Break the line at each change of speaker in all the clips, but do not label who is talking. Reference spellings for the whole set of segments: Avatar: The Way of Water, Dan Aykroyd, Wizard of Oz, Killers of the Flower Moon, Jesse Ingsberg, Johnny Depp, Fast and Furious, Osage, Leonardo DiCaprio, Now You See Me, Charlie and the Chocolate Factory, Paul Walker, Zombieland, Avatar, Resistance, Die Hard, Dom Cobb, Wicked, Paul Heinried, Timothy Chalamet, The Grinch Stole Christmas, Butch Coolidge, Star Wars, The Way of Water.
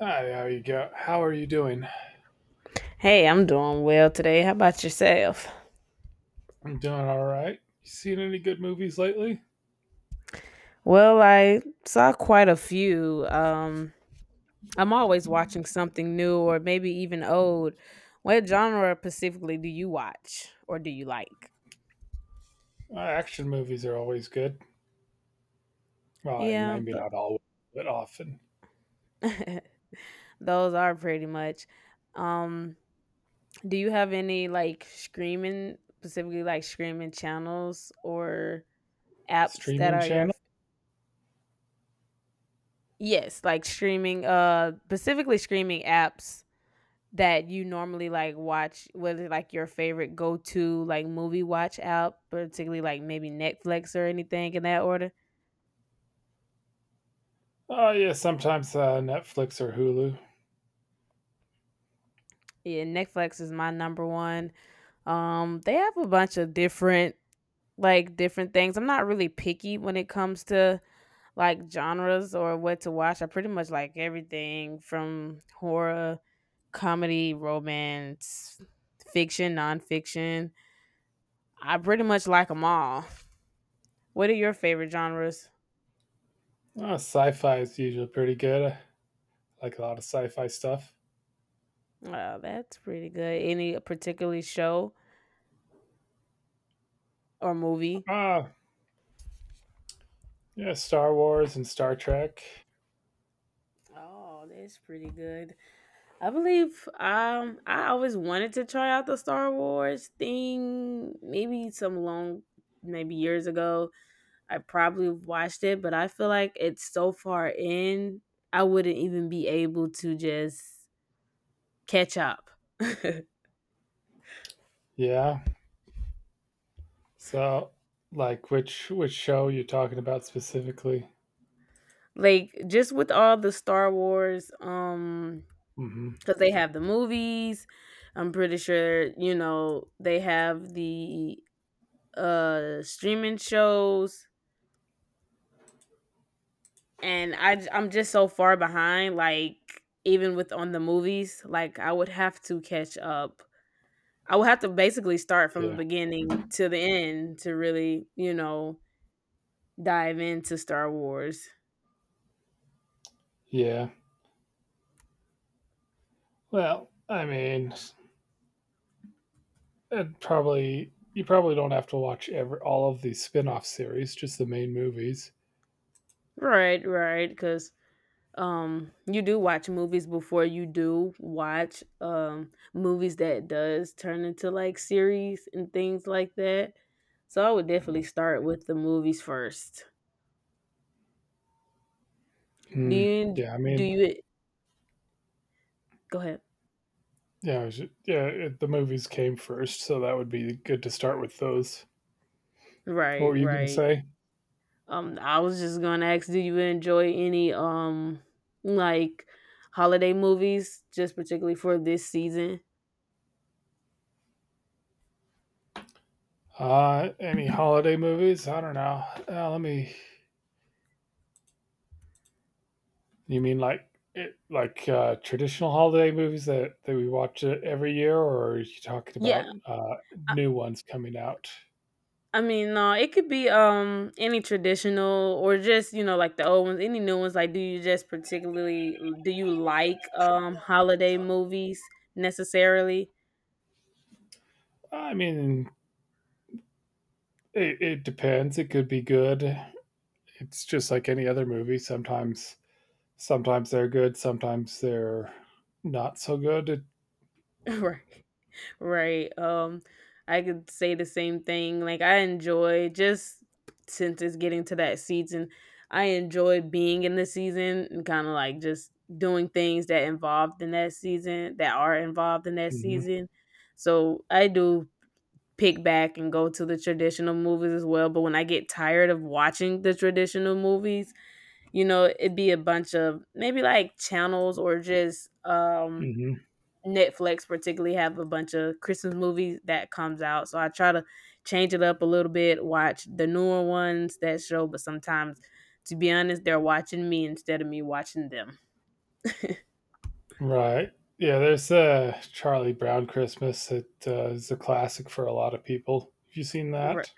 Hi, how you go? How are you doing?
Hey, I'm doing well today. How about yourself?
I'm doing all right. You seen any good movies lately?
Well, I saw quite a few. I'm always watching something new or maybe even old. What genre specifically do you watch or do you like?
Action movies are always good. Well,
Yeah,
maybe not always, but often.
tho- those are pretty much. Um, do you have any like streaming, specifically like streaming channels or apps that
Streaming
are your
channel?
yes, like streaming, specifically streaming apps that you normally, like, watch whether like, your favorite go-to, like, movie watch app, particularly, like, maybe Netflix or anything in that order?
Oh yeah, sometimes Netflix or Hulu.
Yeah, Netflix is my number one. They have a bunch of different things. I'm not really picky when it comes to, like, genres or what to watch. I pretty much like everything from horror, comedy, romance, fiction, nonfiction. I pretty much like them all. What are your favorite genres?
Sci-fi is usually pretty good. I like a lot of sci-fi stuff.
Wow, that's pretty good. Any particularly show or movie?
Ah, yeah, Star Wars and Star Trek.
Oh, that's pretty good. I believe I always wanted to try out the Star Wars thing maybe some long maybe years ago. I probably watched it, but I feel like it's so far in I wouldn't even be able to just catch up.
Yeah. So, like, which show you talking about specifically?
Like just with all the Star Wars
Mm hmm.
because they have the movies. I'm pretty sure you know they have the streaming shows, and I'm just so far behind. Like even with on the movies, like I would have to catch up. I would have to basically start from the
Yeah.
beginning to the end to really dive into Star Wars.
Yeah. Well, I mean, and probably you probably don't have to watch every all of the spin-off series, just the main movies.
Right, right, because you do watch movies before you do watch movies that does turn into like series and things like that, so I would definitely start with the movies first. do
Hmm.
you
Yeah, I
do
mean,
you e-, go ahead.
yeah, it was, yeah, the movies came first, so that would be good to start with those. What
Right,
were you gonna
right.
say?
I was just gonna ask, do you enjoy any like holiday movies just particularly for this season?
Any holiday movies? I don't know. Let me. You mean like traditional holiday movies that we watch every year, or are you talking about
Yeah,
new ones coming out?
I mean, no, it could be any traditional or just you know like the old ones, any new ones. Like, do you just particularly do you like holiday movies necessarily?
I mean, it depends. It could be good. It's just like any other movie. Sometimes, sometimes they're good, sometimes they're not so good. It,
Right, right. I could say the same thing. Like, I enjoy just since it's getting to that season, I enjoy being in the season and kind of like just doing things that involved in that season that are involved in that
mhm,
season. So I do pick back and go to the traditional movies as well. But when I get tired of watching the traditional movies, it'd be a bunch of maybe like channels or just
mhm.
Netflix particularly have a bunch of Christmas movies that comes out. So I try to change it up a little bit, watch the newer ones that show, but sometimes to be honest, they're watching me instead of me watching them.
Right. Yeah, there's Charlie Brown Christmas that is a classic for a lot of people. Have you seen
Right.
that?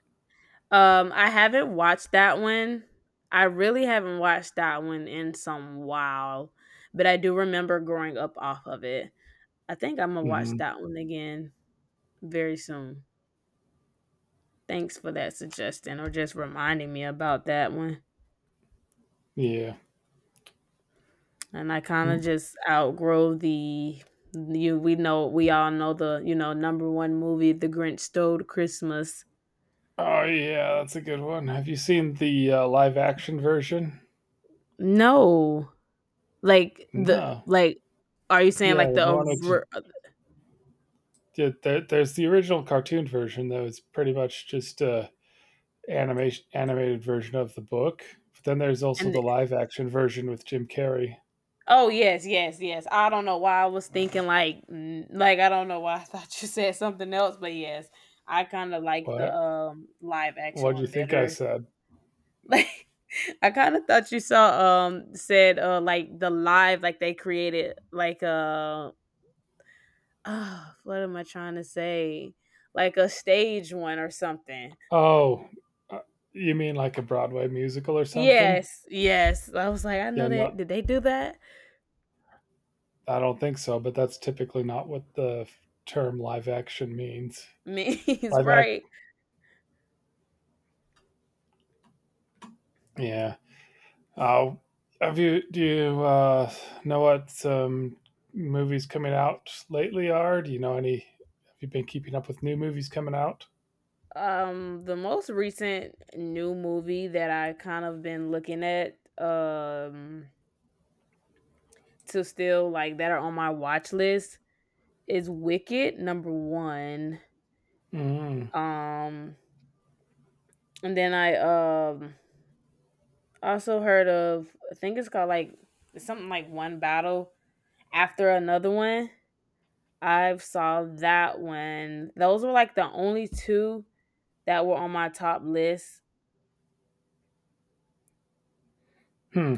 I haven't watched that one. I really haven't watched that one in some while, but I do remember growing up off of it. I think I'm gonna watch
Hmm.
that one again very soon. Thanks for that suggestion or just reminding me about that one.
Yeah.
And I kind of
Mm.
just outgrow the you we know we all know the, number one movie The Grinch Stole Christmas.
Oh, yeah, that's a good one. Have you seen the live action version?
No. Like the
No.
like Are you saying
Yeah,
like the
the one which
over-
yeah, there's the original cartoon version that was pretty much just animation animated version of the book. But then there's also
and
the live action version with Jim Carrey.
Oh, yes, yes, yes. I don't know why I was thinking like I don't know why I thought you said something else, but yes, I kind of like the
What?
live action
What do you
one
think I
better.
said?
Like I kind of thought you saw said like the live like they created like oh, what am I trying to say? Like a stage one or something.
Oh, uh, you mean like a Broadway musical or something?
Yes, yes. I was like, I know
Yeah, no,
that. Did they do that?
I don't think so. But that's typically not what the term live action means.
Means
Live act,
right.
yeah. Oh, have you? Do you know what some movies coming out lately are? Do you know any? Have you been keeping up with new movies coming out?
The most recent new movie that I kind of been looking at, to still like that are on my watch list is Wicked, number one.
Mm.
Um, and then I also heard of I think it's called like it's something like One Battle After Another One. I've saw that one. Those were like the only two that were on my top list.
Hmm.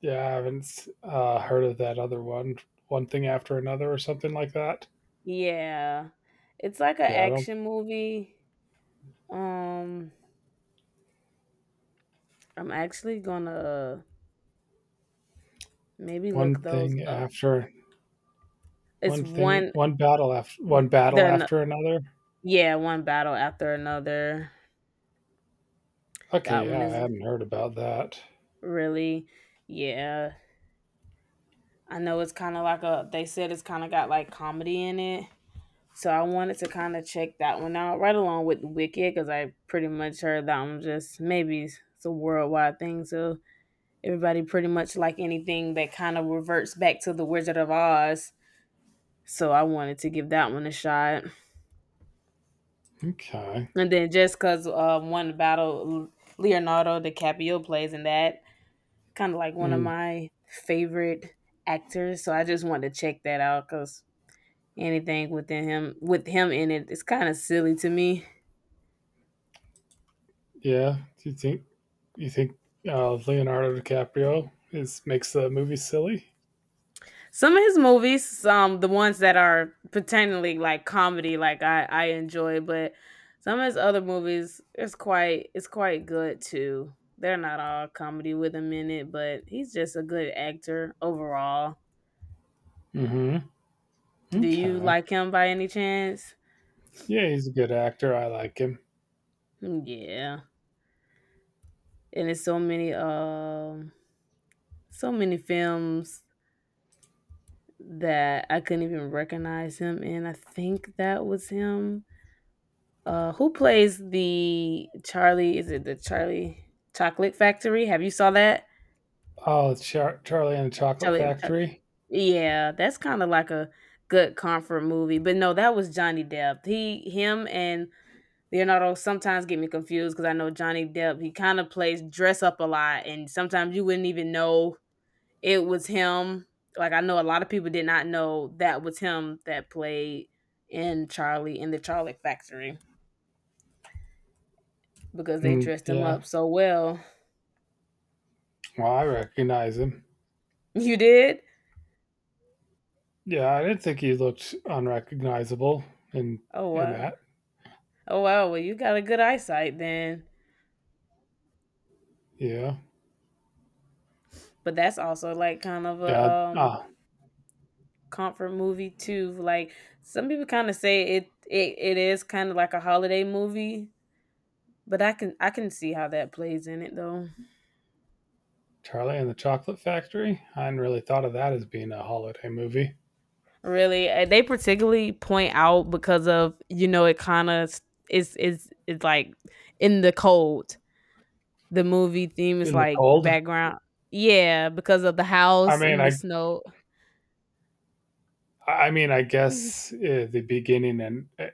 Yeah, I haven't heard of that other one. One thing after another, or something like that.
Yeah. It's like an
Yeah, I don't.
action movie. Um, I'm actually gonna maybe look
One
those
thing
up.
after
It's
one thing,
one,
one battle after One battle
then
after another.
yeah, one battle after another.
Okay,
That one
yeah, I
is
hadn't heard about that.
really yeah. I know it's kind of like a they said it's kind of got like comedy in it. So I wanted to kind of check that one out right along with Wicked cuz I pretty much heard that one just maybe it's a worldwide thing. So everybody pretty much like anything that kind of reverts back to the Wizard of Oz. So I wanted to give that one a shot.
Okay.
And then just because one battle Leonardo DiCaprio plays in that, kind of like one of
Hmm,
my favorite actors. So I just wanted to check that out because anything with him in it is kind of silly to me.
yeah. Do you think You think Leonardo DiCaprio is makes the movie silly?
Some of his movies, the ones that are pretendingly like comedy, like I enjoy, but some of his other movies, it's quite good too. They're not all comedy with him in it, but he's just a good actor overall.
Mm-hmm.
Do you
Okay.
like him by any chance?
Yeah, he's a good actor. I like him.
Mm, yeah. And it's so many films that I couldn't even recognize him in. I think that was him. Who plays the Charlie, is it the Charlie Chocolate Factory? Have you saw that?
Charlie and the Chocolate
Charlie and Chuck.
Factory.
Yeah, that's kind of like a good comfort movie. But no, that was Johnny Depp. He him and Leonardo sometimes get me confused because I know Johnny Depp, he kind of plays dress up a lot, and sometimes you wouldn't even know it was him. Like I know a lot of people did not know that was him that played in the Charlie Factory because they
Hmm,
dressed him
yeah.
up so well.
Well, I recognize him.
You did?
Yeah, I didn't think he looked unrecognizable in
Oh wow.
that.
Oh wow, well you got a good eyesight then.
Yeah.
But that's also like kind of a
Yeah. Ah,
comfort movie too. Like some people kind of say it, it is kind of like a holiday movie. But I can see how that plays in it though.
Charlie and the Chocolate Factory. I hadn't really thought of that as being a holiday movie.
Really? They particularly point out because of it kind of is it's like in the cold. The movie theme is
In the
like the
cold.
background. Yeah, because of the
I
house
mean,
and the
I
snow.
I mean, I guess the beginning and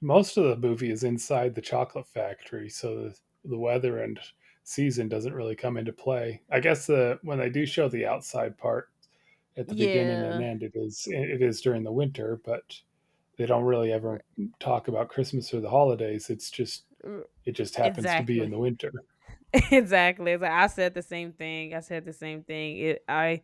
most of the movie is inside the chocolate factory, so the weather and season doesn't really come into play. I guess the when they do show the outside part at the beginning and
Yeah,
end, it is during the winter, but they don't really ever
r-
talk about Christmas or the holidays. It's just
r-
it just happens to be in
exactly,
the winter.
exactly. It's like I said the same thing. I said the same thing. It I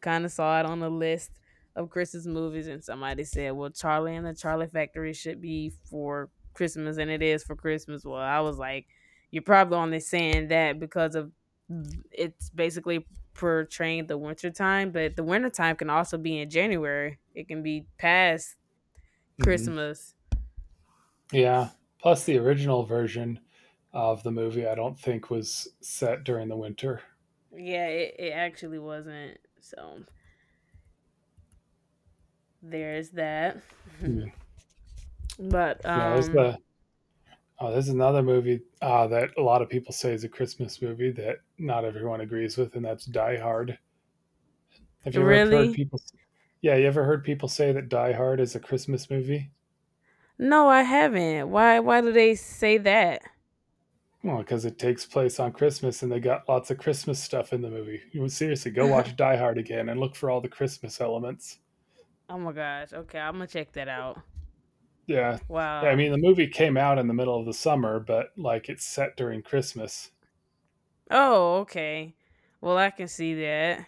kind of saw it on a list of Christmas movies, and somebody said, "Well, Charlie and the Charlie Factory should be for Christmas, and it is for Christmas." Well, I was like, "You're probably only saying that because of it's basically portraying the wintertime, but the wintertime can also be in January. It can be past
Hmm.
Christmas."
Yeah. Plus, the original version of the movie, I don't think was set during the winter.
Yeah, it actually wasn't. So there's that.
Yeah.
but
Yeah. There's the oh, there's another movie that a lot of people say is a Christmas movie that not everyone agrees with, and that's Die Hard. Have you ever heard
really,
people? Yeah, you ever heard people say that Die Hard is a Christmas movie?
no, I haven't. Why? Why do they say that?
Well, because it takes place on Christmas and they got lots of Christmas stuff in the movie. You would seriously go watch Die Hard again and look for all the Christmas elements.
Oh my gosh. Okay, I'm gonna check that out.
Yeah. Yeah, I
Wow.
mean, the movie came out in the middle of the summer, but like it's set during Christmas.
Oh, okay. Well, I can see that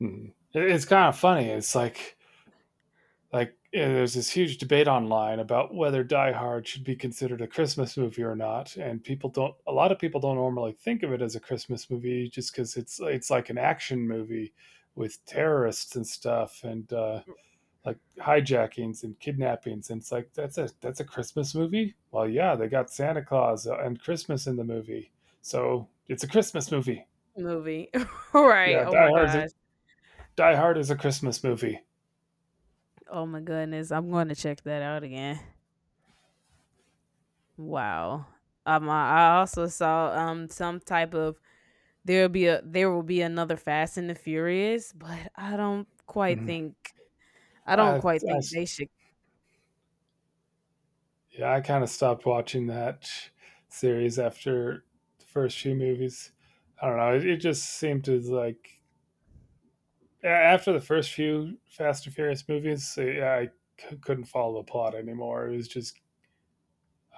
Mhm. It- It's kind of funny. It's like, yeah, there's this huge debate online about whether Die Hard should be considered a Christmas movie or not, and people don't. A lot of people don't normally think of it as a Christmas movie just because it's like an action movie with terrorists and stuff, and like hijackings and kidnappings, and it's like, that's a Christmas movie. Well, yeah, they got Santa Claus and Christmas in the movie, so it's a Christmas movie.
movie. Right.
Yeah,
Oh my gosh.
Die Hard is a Christmas movie.
Oh my goodness. I'm going to check that out again. Wow. I also saw some type of there will be another Fast and the Furious, but I don't quite
Mhm.
think I don't quite
I
think they should.
Yeah, I kind of stopped watching that series after the first few movies. I don't know, it just seemed to like, after the first few Fast and Furious movies, I couldn't follow the plot anymore. It was just,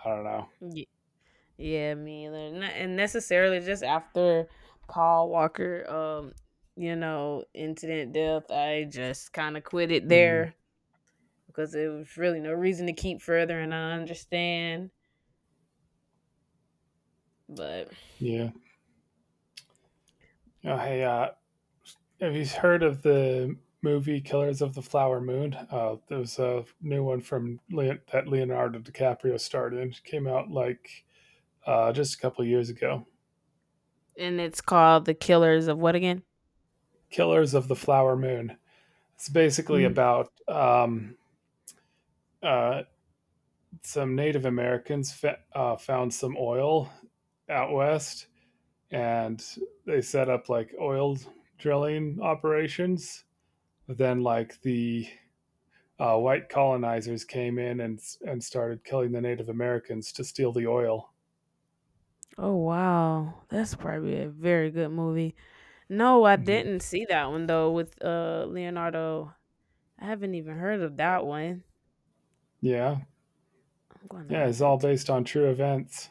I don't know.
Yeah, me either. Not, and necessarily just after Paul Walker, incident death, I just kind of quit it
Mhm.
there because there was really no reason to keep further, and I understand. But
Yeah. Oh, hey, have you heard of the movie Killers of the Flower Moon? There was a new one from that Leonardo DiCaprio starred in. It came out like just a couple years ago.
and it's called The Killers of what again?
Killers of the Flower Moon. It's basically
N-
about uh, some Native Americans found some oil out west, and they set up like oil drilling operations. Then, like the white colonizers came in and started killing the Native Americans to steal the oil.
Oh wow, that's probably a very good movie. No, I
Hmm.
didn't see that one though with Leonardo. I haven't even heard of that one.
Yeah,
I'm gonna
yeah,
add
it's all
that to
based on true events.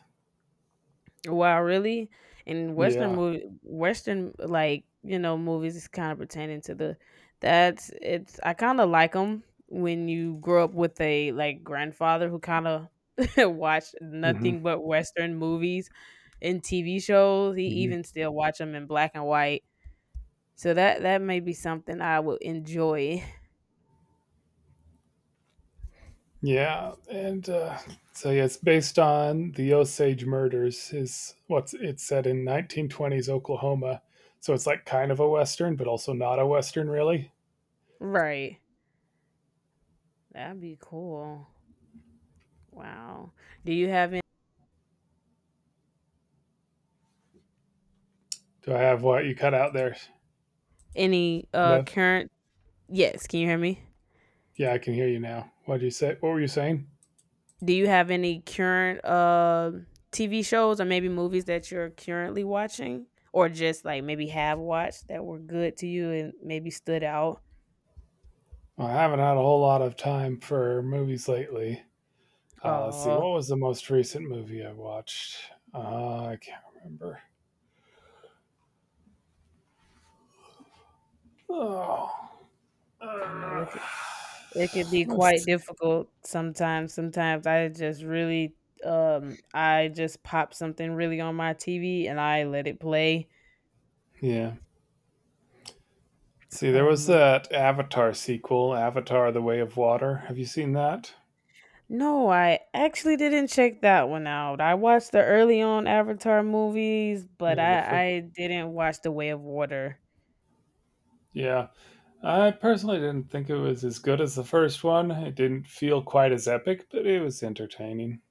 Wow, really? And Western
Yeah.
movie, Western like movies is kind of pertaining to the. That's it's. I kind of like them when you grow up with a like grandfather who kind of watched
Hmm.
nothing but Western movies and TV shows. He
Hmm.
even still watch them in black and white. So that may be something I would enjoy.
Yeah, and so yeah, it's based on the Osage murders. Is what's it's set in 1920s Oklahoma, so it's like kind of a western, but also not a western, really.
Right. That'd be cool. Wow. Do you have any,
Do I have what you cut out there?
any
Hello.
current? Yes. Can you hear me?
Yeah, I can hear you now. What did you say? What were you saying?
Do you have any current TV shows or maybe movies that you're currently watching or just like maybe have watched that were good to you and maybe stood out?
Well, I haven't had a whole lot of time for movies lately. Let's see.
Oh,
What was the most recent movie I watched? Uh, I can't remember. Oh,
I know it could,
uh,
it could be quite
let's see.
difficult sometimes. Sometimes I just really I just pop something really on my TV and I let it play.
Yeah. See, there was
Um
that Avatar sequel, Avatar: The Way of Water. Have you seen that?
no, I actually didn't check that one out. I watched the early on Avatar movies, but
Yeah, the first.
I didn't watch The Way of Water.
Yeah, I personally didn't think it was as good as the first one. It didn't feel quite as epic, but it was entertaining.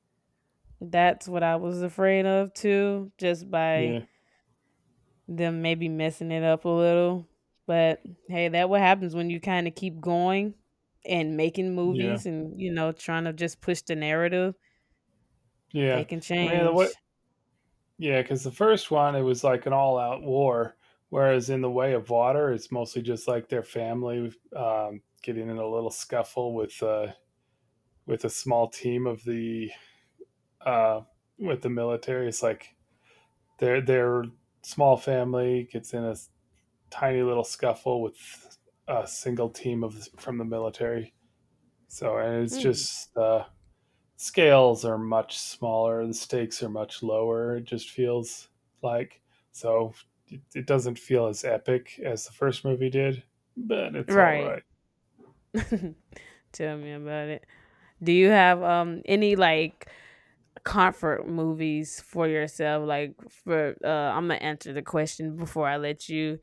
That's what I was afraid of too, just by
Yeah,
them maybe messing it up a little. But hey, that what happens when you kind of keep going and making
yeah,
movies and trying to just push the narrative. They
yeah.
can
I mean, the way
change.
Yeah, because the first one, it was like an all out war. Whereas in The Way of Water, it's mostly just like their family getting in a little scuffle with a small team of the uh, with the military. It's like their small family gets in a tiny little scuffle with a single team of from the military. So and it's
Hmm.
just scales are much smaller, the stakes are much lower. It just feels like so it, doesn't feel as epic as the first movie did, but it's all
Right.
right.
Tell me about it. Do you have any like comfort movies for yourself like for I'm gonna answer the question before I let you,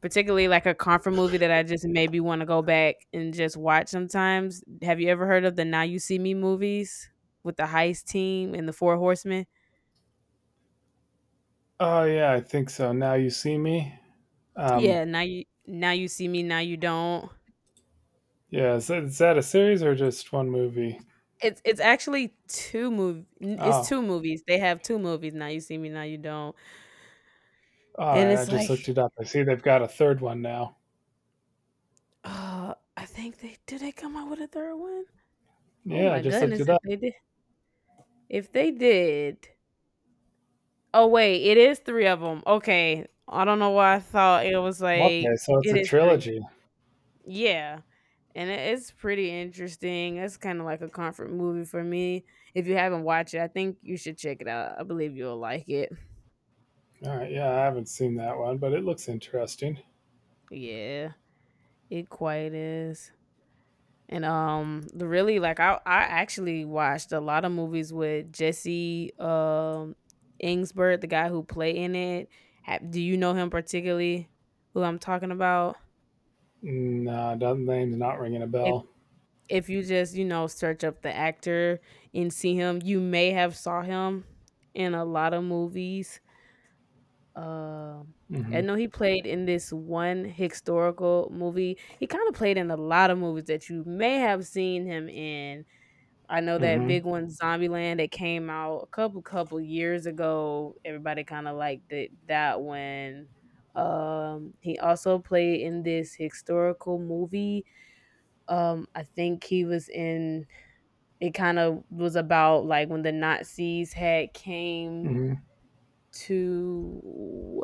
particularly like a comfort movie that I just maybe want to go back and just watch sometimes. Have you ever heard of the now you see me movies with the heist team and the four horsemen?
Oh yeah, I think so. Now you see me.
Yeah,
Um,
now you see me, now you don't.
yeah, is that a series or just one movie?
It's actually
Oh,
two movies. They have two movies, now you see me, now you don't.
all
And
right. I
it's
just
like
looked it up. I see they've got a third one now.
I think they come out with a third one. Oh
Yeah, I
my
just looked
goodness,
it
if
up.
they did. If they did, oh wait, it is three of them. Okay. I don't know why I thought it was like
Okay, so it's
it
a
is three.
trilogy.
Yeah, and it's pretty interesting. It's kinda like a comfort movie for me. If you haven't watched it, I think you should check it out. I believe you'll like it.
All right, yeah, I haven't seen that one, but it looks interesting.
Yeah, it quite is. And the really like I actually watched a lot of movies with Jesse Ingsberg, the guy who played in it. Do you know him particularly who I'm talking about?
No, doesn't name's not ringing a
If
bell.
if you just, search up the actor and see him, you may have saw him in a lot of movies. Um I
Hmm.
know he played in this one historical movie. He kind of played in a lot of movies that you may have seen him in. I know that
Hmm.
big one, Zombieland, that came out a couple years ago. Everybody kind of liked it, that one. He also played in this historical movie. I think he was in. It kind of was about like when the Nazis had came
Mhm,
to.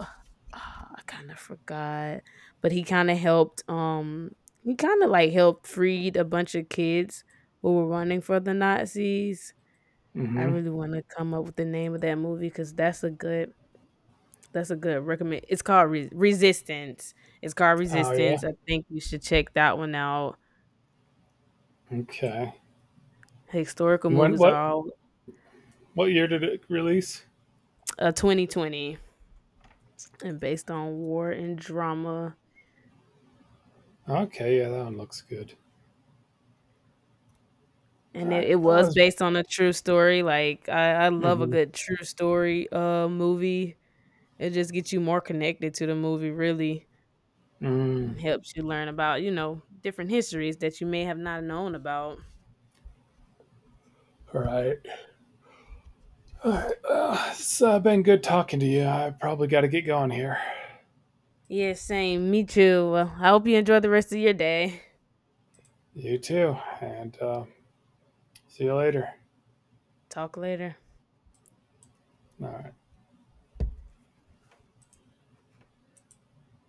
I kind of forgot, but he kind of helped. He kind of like helped freed a bunch of kids who were running for the Nazis. I
mhm.
really wanna come up with the name of that movie because that's a good recommend, it's called Re Resistance. It's called
Oh,
Resistance,
yeah?
I think you should check that one out.
Okay.
Historical
And when
movies are all
what year did it release?
2020 and based on war and drama,
Okay, yeah, that one looks good.
and it
Alright,
it
I
was
was
based on a true story, like, I love a
mhm,
good true story, movie. It just gets you more connected to the movie, really, and
mm.
helps you learn about, different histories that you may have not known about.
Alright. Alright, it's, been good talking to you, I probably gotta get going here.
Yeah, same. Me too. Well, I hope you enjoy the rest of your day.
You too, and, see you later.
Talk later.
Alright.